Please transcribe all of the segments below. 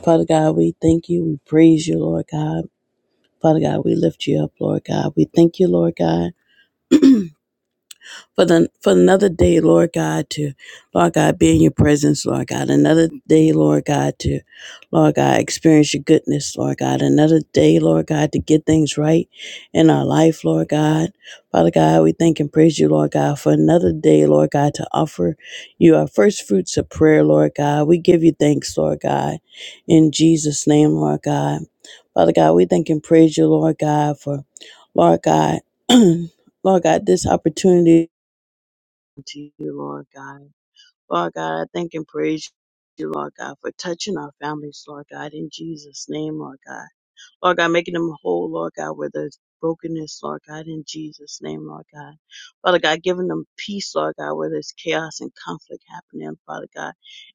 Father God, we thank you. We praise you, Lord God. Father God, we lift you up, Lord God. We thank you, Lord God for the for another day, Lord God, to Lord God be in your presence, Lord God. Another day, Lord God, to Lord God experience your goodness, Lord God. Another day, Lord God, to get things right in our life, Lord God. Father God, we thank and praise you, Lord God, for another day, Lord God, to offer you our first fruits of prayer, Lord God. We give you thanks, Lord God, in Jesus' name, Lord God. Father God, we thank and praise you, Lord God, for Lord God, Lord God, this opportunity to you, Lord God. Lord God, I thank and praise you, Lord God, for touching our families, Lord God, in Jesus' name, Lord God. Lord God, making them whole, Lord God, where there's brokenness, Lord God, in Jesus' name, Lord God. Father God, giving them peace, Lord God, where there's chaos and conflict happening, Father God,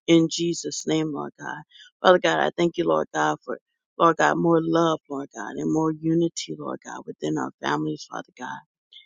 in Jesus' name, Lord God. Father God, I thank you, Lord God, for Lord God, more love, Lord God, and more unity, Lord God, within our families, Father God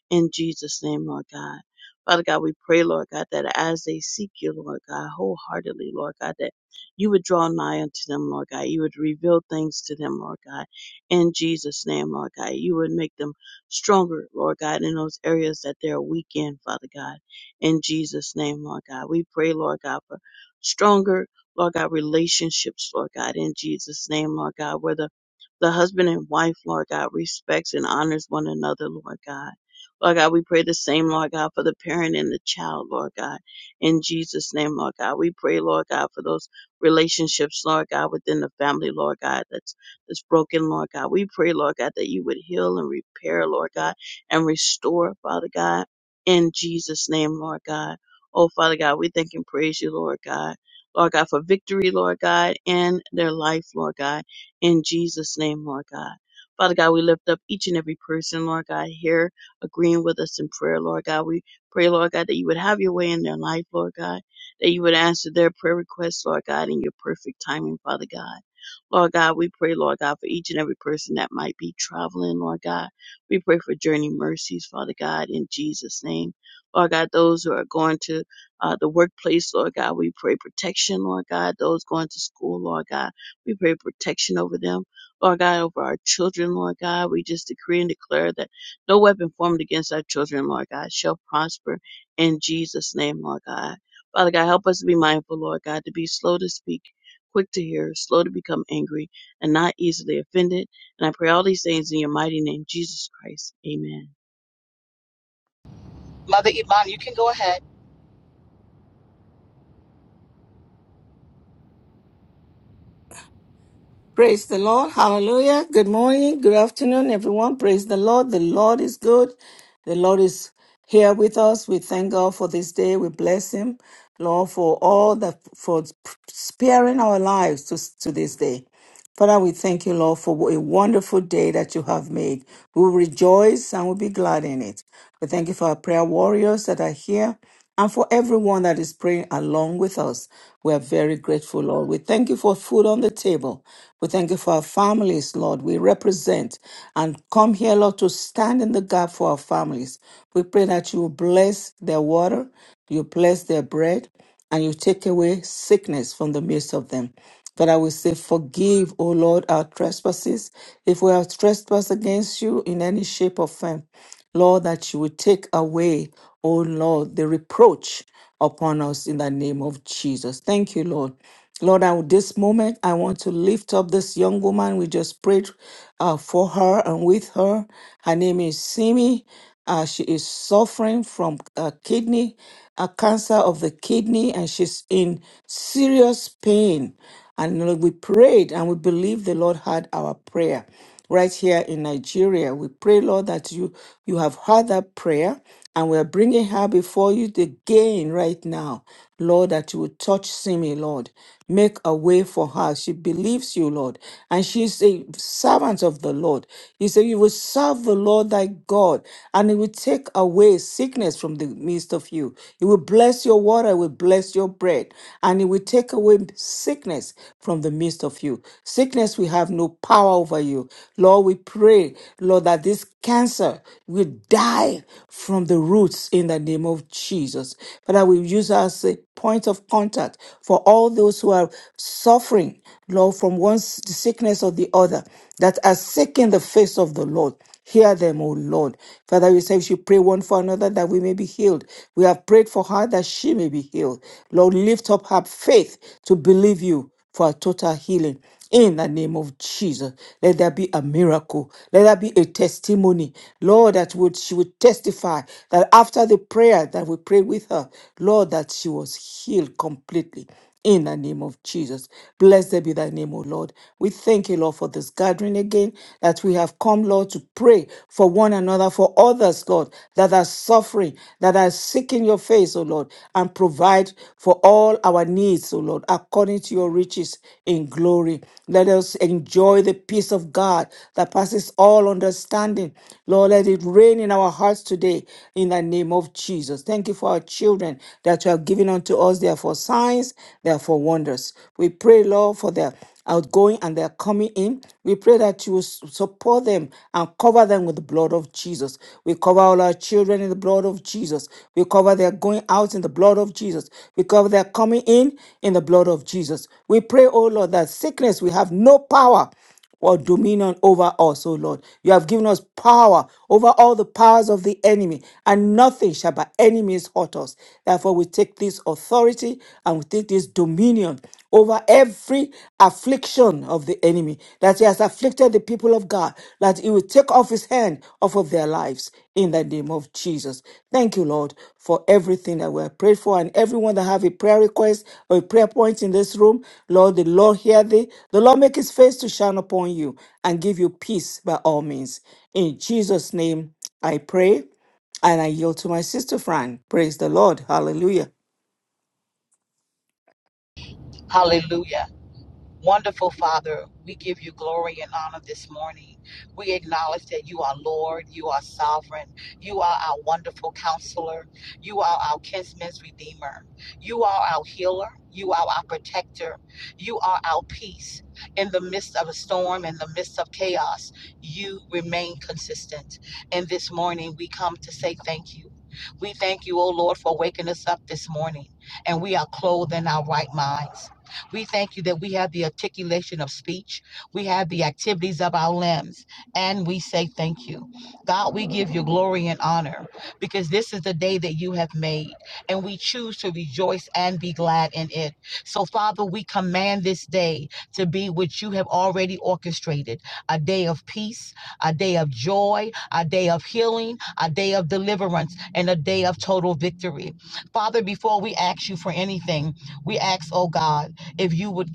in Jesus' name, Lord God. Father God, we pray, Lord God, that as they seek you, Lord God, wholeheartedly, Lord God, that you would draw nigh unto them, Lord God. You would reveal things to them, Lord God, in Jesus' name, Lord God. You would make them stronger, Lord God, in those areas that they're weak in, Father God, in Jesus' name, Lord God. We pray, Lord God, for stronger, Lord God, relationships, Lord God, in Jesus' name, Lord God, where the, the husband and wife, Lord God, respects and honors one another, Lord God Lord God, we pray the same, Lord God, for the parent and the child, Lord God. In Jesus' name, Lord God, we pray, Lord God, for those relationships, Lord God, within the family, Lord God, that's that's broken, Lord God. We pray, Lord God, that you would heal and repair, Lord God, and restore, Father God, in Jesus' name, Lord God. Oh, Father God, we thank and praise you, Lord God. Lord God, for victory, Lord God, in their life, Lord God, in Jesus' name, Lord God. Father God, we lift up each and every person, Lord God, here agreeing with us in prayer, Lord God. We pray, Lord God, that you would have your way in their life, Lord God, that you would answer their prayer requests, Lord God, in your perfect timing, Father God. Lord God, we pray, Lord God, for each and every person that might be traveling, Lord God. We pray for journey mercies, Father God, in Jesus' name. Lord God, those who are going to uh, the workplace, Lord God, we pray protection, Lord God. Those going to school, Lord God, we pray protection over them. Lord God, over our children, Lord God, we just decree and declare that. No weapon formed against our children, Lord God, shall prosper in Jesus' name, Lord God. Father God, help us to be mindful, Lord God, to be slow to speak, quick to hear, slow to become angry, and not easily offended. And I pray all these things in your mighty name, Jesus Christ. Amen. Mother Iman, you can go ahead. Praise the Lord. Hallelujah. Good morning. Good afternoon, everyone. Praise the Lord. The Lord is good. The Lord is here with us. We thank God for this day. We bless Him, Lord, for all that, for sparing our lives to, to this day. Father, we thank you, Lord, for a wonderful day that you have made. We will rejoice and we'll be glad in it. We thank you for our prayer warriors that are here and for everyone that is praying along with us. We are very grateful, Lord. We thank you for food on the table. We thank you for our families, Lord. We represent and come here, Lord, to stand in the gap for our families. We pray that you bless their water, you bless their bread, and you take away sickness from the midst of them. But I will say, forgive, O Lord, our trespasses, if we have trespassed against you in any shape or form. Lord, that you would take away, oh Lord, the reproach upon us in the name of Jesus. Thank you, Lord. Lord, at this moment, I want to lift up this young woman. We just prayed uh, for her and with her. Her name is Simi. Uh, she is suffering from uh, kidney, a cancer of the kidney, and she's in serious pain. And Lord, we prayed and we believe the Lord heard our prayer right here in Nigeria. We pray, Lord, that you you have heard that prayer, and we are bringing her before you again right now, Lord, that you would touch Simi, Lord. Make a way for her. She believes you, Lord. And she's a servant of the Lord. You say, You will serve the Lord thy God, and it will take away sickness from the midst of you. It will bless your water, he will bless your bread, and it will take away sickness from the midst of you. Sickness will have no power over you. Lord, we pray, Lord, that this cancer will die from the roots in the name of Jesus. Father, we use us point of contact for all those who are suffering, Lord, from one s- sickness or the other, that are seeking the face of the Lord. Hear them, O Lord. Father, we say we should pray one for another that we may be healed. We have prayed for her that she may be healed. Lord, lift up her faith to believe you for a total healing. In the name of Jesus, let there be a miracle. Let there be a testimony, Lord, that would she would testify that after the prayer that we prayed with her, Lord, that she was healed completely. In the name of Jesus. Blessed be thy name, O Lord. We thank you, Lord, for this gathering again that we have come, Lord, to pray for one another, for others, Lord, that are suffering, that that are seeking your face, O Lord, and provide for all our needs, O Lord, according to your riches in glory. Let us enjoy the peace of God that passes all understanding. Lord, let it reign in our hearts today in the name of Jesus. Thank you for our children that you have given unto us. They are for signs, they are for wonders. We pray, Lord, for them outgoing and their coming in. We pray that you will s- support them and cover them with the blood of Jesus. We cover all our children in the blood of Jesus. We cover their going out in the blood of Jesus. We cover their coming in in the blood of Jesus. We pray, oh Lord, that sickness will have no power or dominion over us, O Lord. You have given us power over all the powers of the enemy, and nothing shall by any means hurt us. Therefore, we take this authority and we take this dominion over every affliction of the enemy that he has afflicted the people of God, that he will take off his hand off of their lives in the name of Jesus. Thank you, Lord, for everything that we have prayed for and everyone that have a prayer request or a prayer point in this room. Lord, the Lord hear thee. The Lord make his face to shine upon you and give you peace by all means. In Jesus' name, I pray and I yield to my sister Fran. Praise the Lord. Hallelujah. Hallelujah. Wonderful Father, we give you glory and honor this morning. We acknowledge that you are Lord, you are sovereign, you are our wonderful counselor, you are our kinsman's redeemer, you are our healer, you are our protector, you are our peace. In the midst of a storm, in the midst of chaos, you remain consistent. And this morning we come to say thank you. We thank you, O Lord, for waking us up this morning, and we are clothed in our right minds. We thank you that we have the articulation of speech, we have the activities of our limbs, and we say thank you. God, we give you glory and honor because this is the day that you have made, and we choose to rejoice and be glad in it. So, Father, we command this day to be what you have already orchestrated a day of peace, a day of joy, a day of healing, a day of deliverance, and a day of total victory. Father, before we ask you for anything, we ask, oh God if you would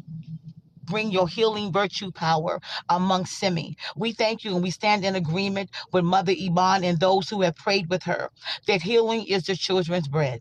bring your healing virtue power among Simi. We thank you and we stand in agreement with Mother Iman and those who have prayed with her that healing is the children's bread.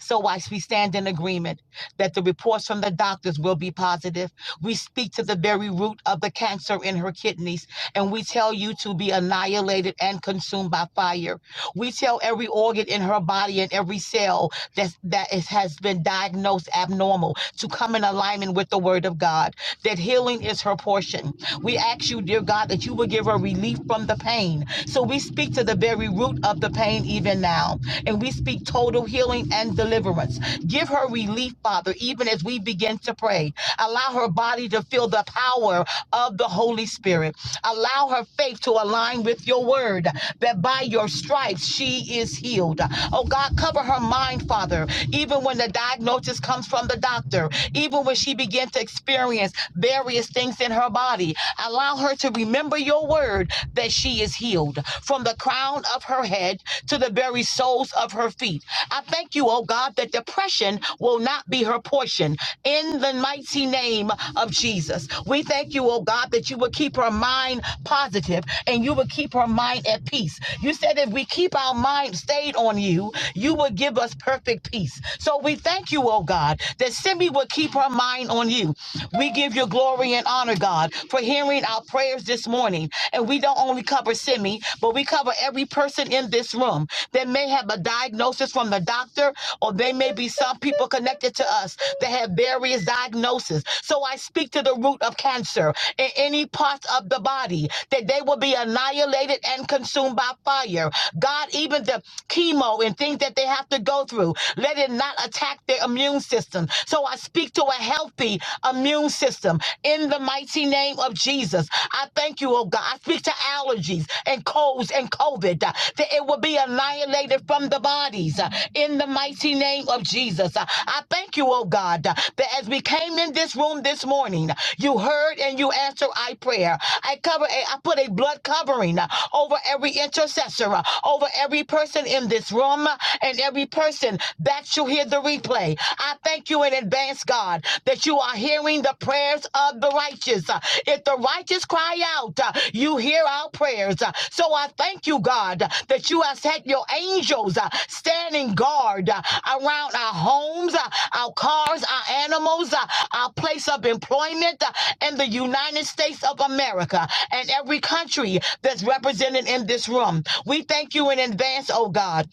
So I, we stand in agreement that the reports from the doctors will be positive. We speak to the very root of the cancer in her kidneys, and we tell you to be annihilated and consumed by fire. We tell every organ in her body and every cell that, that is, has been diagnosed abnormal to come in alignment with the word of God, that healing is her portion we ask you, dear God, that you would give her relief from the pain. So we speak to the very root of the pain even now. And we speak total healing and deliverance. Give her relief, Father, even as we begin to pray. Allow her body to feel the power of the Holy Spirit. Allow her faith to align with your word that by your stripes she is healed. Oh God, cover her mind, Father, even when the diagnosis comes from the doctor, even when she begins to experience various things in her body. Allow her to remember your word that she is healed from the crown of her head to the very soles of her feet. I thank you, oh God, that depression will not be her portion in the mighty name of Jesus. We thank you, oh God, that you will keep her mind positive and you will keep her mind at peace. You said if we keep our mind stayed on you, you will give us perfect peace. So we thank you, oh God, that Simi will keep her our mind on you. We give you glory and honor, God, for hearing our prayers this morning. And we don't only cover Simi, but we cover every person in this room that may have a diagnosis from the doctor, or they may be some people connected to us that have various diagnoses. So I speak to the root of cancer in any parts of the body that they will be annihilated and consumed by fire. God, even the chemo and things that they have to go through, let it not attack their immune immune system. So I speak to a healthy immune system in the mighty name of Jesus. I thank you, oh God. I speak to allergies and colds and COVID uh, that it will be annihilated from the bodies uh, in the mighty name of Jesus. Uh, I thank you, oh God, uh, that as we came in this room this morning, you heard and you answered our prayer. I cover a, I put a blood covering uh, over every intercessor, uh, over every person in this room uh, and every person listen back, you hear the replay. I thank you in advance, God, that you are hearing the prayers of the righteous. Uh, If the righteous cry out, uh, you hear our prayers. Uh, So I thank you, God, that you have set your angels uh, standing guard uh, around our homes, uh, our cars, our animals, uh, our place of employment uh, in the United States of America and every country that's represented in this room. We thank you in advance, oh God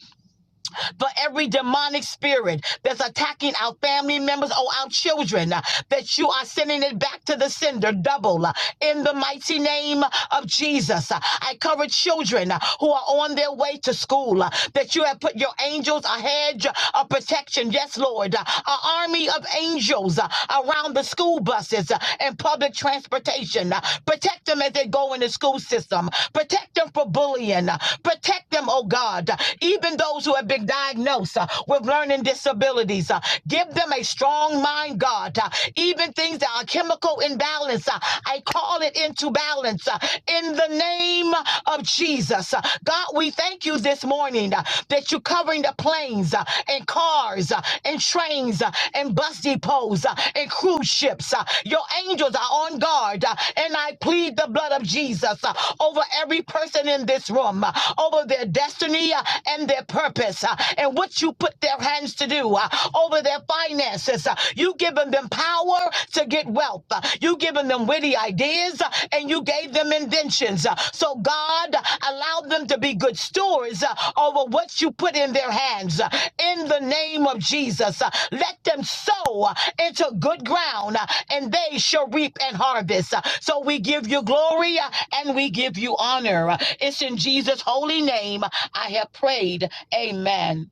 but every demonic spirit that's attacking our family members or our children, uh, that you are sending it back to the sender double uh, in the mighty name of Jesus. Uh, I cover children uh, who are on their way to school, uh, that you have put your angels a hedge of protection. Yes, Lord, uh, an army of angels uh, around the school buses uh, and public transportation. Uh, Protect them as they go in the school system. Protect them from bullying. Protect them, oh God, even those who have been diagnosed uh, with learning disabilities. uh, Give them a strong mind, God. uh, Even things that are chemical imbalance, uh, I call it into balance uh, in the name of Jesus. Uh, God, we thank you this morning uh, that you're covering the planes uh, and cars uh, and trains uh, and bus depots uh, and cruise ships. uh, Your angels are on guard. uh, uh, and I plead the blood of Jesus uh, over every person in this room, uh, over their destiny uh, and their purpose, uh, and what you put their hands to do, uh, over their finances. You've given them power to get wealth. You've given them witty ideas, uh, and you gave them inventions. uh, so God uh, allow them to be good stewards uh, over what you put in their hands. uh, in the name of Jesus, uh, let them sow. uh, into good ground uh, and they shall reap and harvest. Uh, So we give you glory uh, and we give you honor. Uh, It's in Jesus' holy name uh, I have prayed. Amen.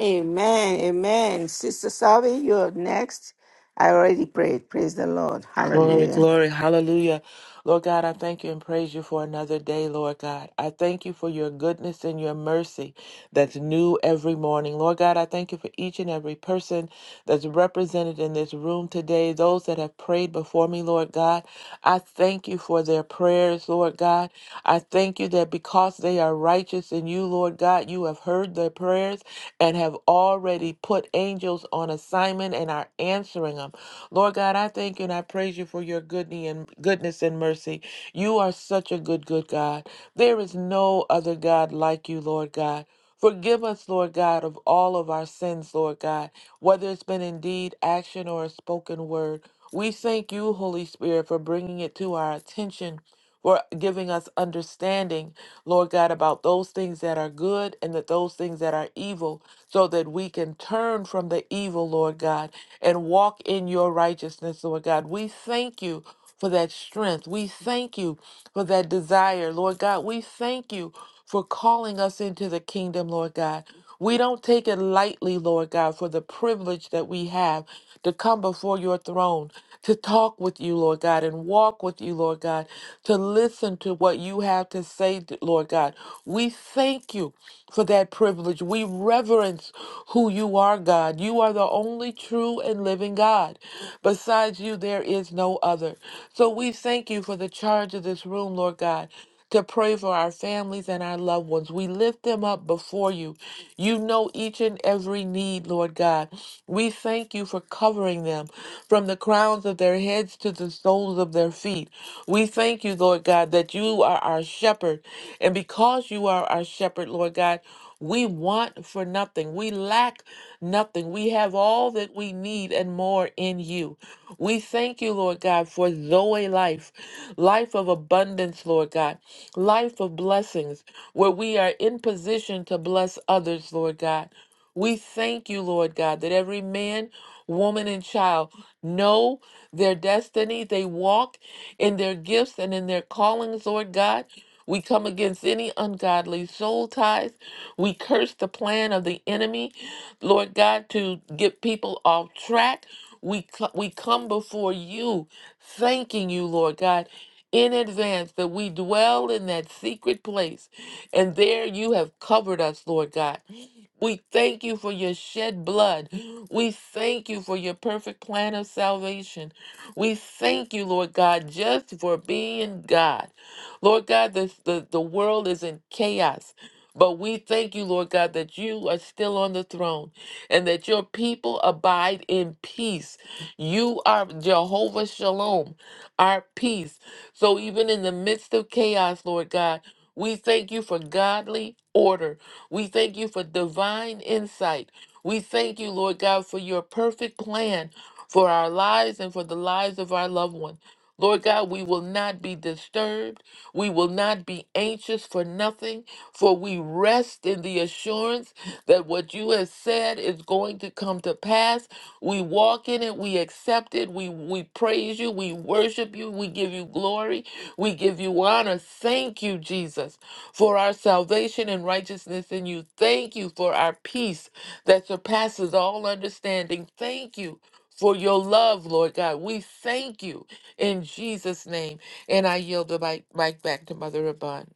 Amen. Amen. Sister Savi, you're next. I already prayed. Praise the Lord. Glory, Hallelujah. glory, hallelujah. Lord God, I thank you and praise you for another day, Lord God. I thank you for your goodness and your mercy that's new every morning. Lord God, I thank you for each and every person that's represented in this room today, those that have prayed before me, Lord God. I thank you for their prayers, Lord God. I thank you that because they are righteous in you, Lord God, you have heard their prayers and have already put angels on assignment and are answering them. Lord God, I thank you and I praise you for your goodness and goodness and mercy. You are such a good, good God. There is no other God like you, Lord God. Forgive us, Lord God, of all of our sins, Lord God, whether it's been in deed, action, or a spoken word. We thank you, Holy Spirit, for bringing it to our attention, for giving us understanding, Lord God, about those things that are good and that those things that are evil, so that we can turn from the evil, Lord God, and walk in your righteousness, Lord God. We thank you for that strength. We thank you for that desire, Lord God. We thank you for calling us into the kingdom, Lord God. We don't take it lightly, Lord God, for the privilege that we have to come before your throne, to talk with you, Lord God, and walk with you, Lord God, to listen to what you have to say, d- Lord God. We thank you for that privilege. We reverence who you are, God. You are the only true and living God. Besides you, there is is no other. So we thank you for the charge of this room, Lord God, to pray for our families and our loved ones. We lift them up before you. You know each and every need, Lord God. We thank you for covering them from the crowns of their heads to the soles of their feet. We thank you, Lord God, that you are our shepherd. And because you are our shepherd, Lord God, we want for nothing. We lack nothing. We have all that we need and more in you. We thank you, Lord God, for Zoe life, life of abundance, Lord God, life of blessings, where we are in position to bless others, Lord God. We thank you, Lord God, that every man, woman, and child know their destiny. They walk in their gifts and in their callings, Lord God. We come against any ungodly soul ties. We curse the plan of the enemy, Lord God, to get people off track. We, cl- we come before you, thanking you, Lord God, in advance that we dwell in that secret place. And there you have covered us, Lord God. We thank you for your shed blood. We thank you for your perfect plan of salvation. We thank you, Lord God, just for being God. Lord God, the, the, the world is in chaos. But we thank you, Lord God, that you are still on the throne and that your people abide in peace. You are Jehovah Shalom, our peace. So even in the midst of chaos, Lord God, we thank you for godly order. We thank you for divine insight. We thank you, Lord God, for your perfect plan for our lives and for the lives of our loved one. Lord God, we will not be disturbed. We will not be anxious for nothing, for we rest in the assurance that what you have said is going to come to pass. We walk in it, we accept it, we, we praise you, we worship you, we give you glory, we give you honor. Thank you, Jesus for our salvation and righteousness in you. Thank you for our peace that surpasses all understanding. Thank you for your love, Lord God. We thank you in Jesus' name. And I yield the mic, mic back to Mother Rabun.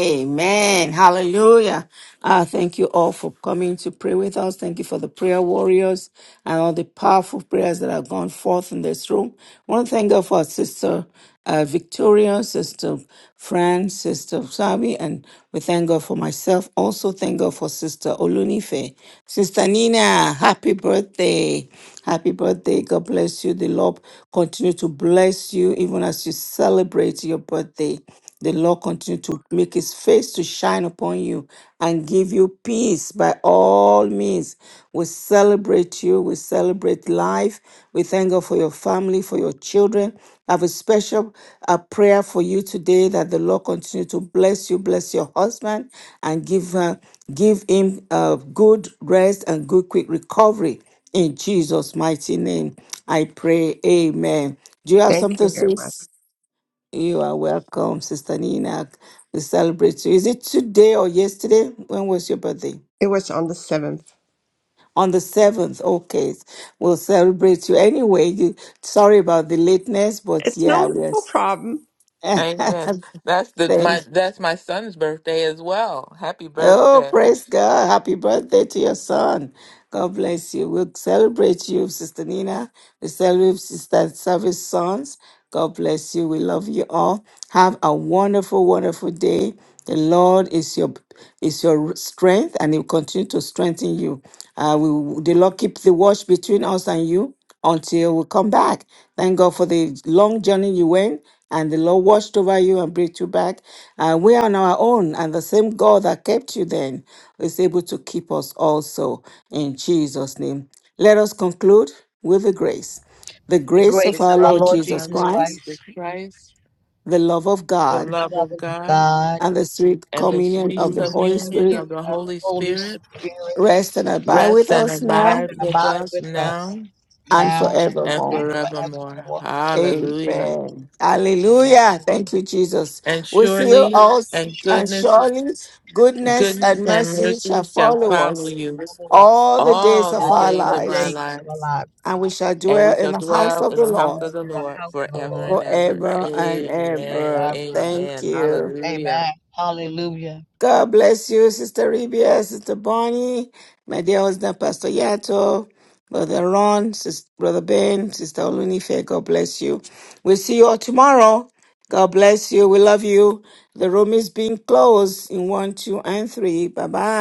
Amen. Hallelujah. Uh, thank you all for coming to pray with us. Thank you for the prayer warriors and all the powerful prayers that have gone forth in this room. I want to thank God for our sister uh, Victoria, sister Fran, sister Sabi, and we thank God for myself. Also, thank God for sister Olunife. Sister Nina, happy birthday. Happy birthday. God bless you. The Lord continue to bless you even as you celebrate your birthday. The Lord continue to make his face to shine upon you and give you peace by all means. We celebrate you. We celebrate life. We thank God for your family, for your children. I have a special uh, prayer for you today that the Lord continue to bless you, bless your husband, and give, uh, give him uh, good rest and good quick recovery. In Jesus' mighty name, I pray. Amen. Do you have Thank something you very to much. say? You are welcome, Sister Nina. We celebrate you. Is it today or yesterday? When was your birthday? It was on the 7th. On the 7th. Okay. We'll celebrate you. Anyway, you, sorry about the lateness, but It's yeah, no, no yes. problem. Amen. That's the Thank my that's my son's birthday as well. Happy Oh, birthday. praise God. Happy birthday to your son. God bless you. We'll celebrate you, Sister Nina. We celebrate Sister Service Sons. God bless you. We love you all. Have a wonderful, wonderful day. The Lord is your is your strength and He will continue to strengthen you. Uh, we the Lord keep the watch between us and you until we come back. Thank God for the long journey you went and the Lord watched over you and brought you back. And we are on our own, and the same God that kept you then is able to keep us also in Jesus' name. Let us conclude with the grace. The The grace of The grace our of our Lord grace Lord of Jesus our Jesus Lord Christ, Jesus Christ, Christ, the love of the God, the love love of of God, God, and the sweet and the communion of sweet the the sweet Holy communion Spirit of communion the of the Holy Holy Spirit Spirit, rest and abide with rest and us rest now abide and with abide us with us now and now and forevermore. and forevermore. forevermore. Hallelujah. Amen. Amen. Yes, Hallelujah. Lord. Thank you, Jesus. And We see you surely all, So and and surely, goodness, surely goodness goodness and and mercy shall mercy shall follow follow us you all the days all of the our all days the of our lives, days of our lives, lives and we shall and we dwell in shall the house dwell of in the the house Lord of the in the Lord house of the forever Lord. and ever. forever and Amen. I ever. Thank Amen. you. Hallelujah. Amen. Hallelujah. God bless you, Sister Rebia, Sister Bonnie, my dear husband, Pastor Yato, Brother Ron, Sister, Brother Ben, Sister Olunife. God bless you. We'll see you all tomorrow. God bless you. We love you. The room is being closed in one, two, and three. Bye bye.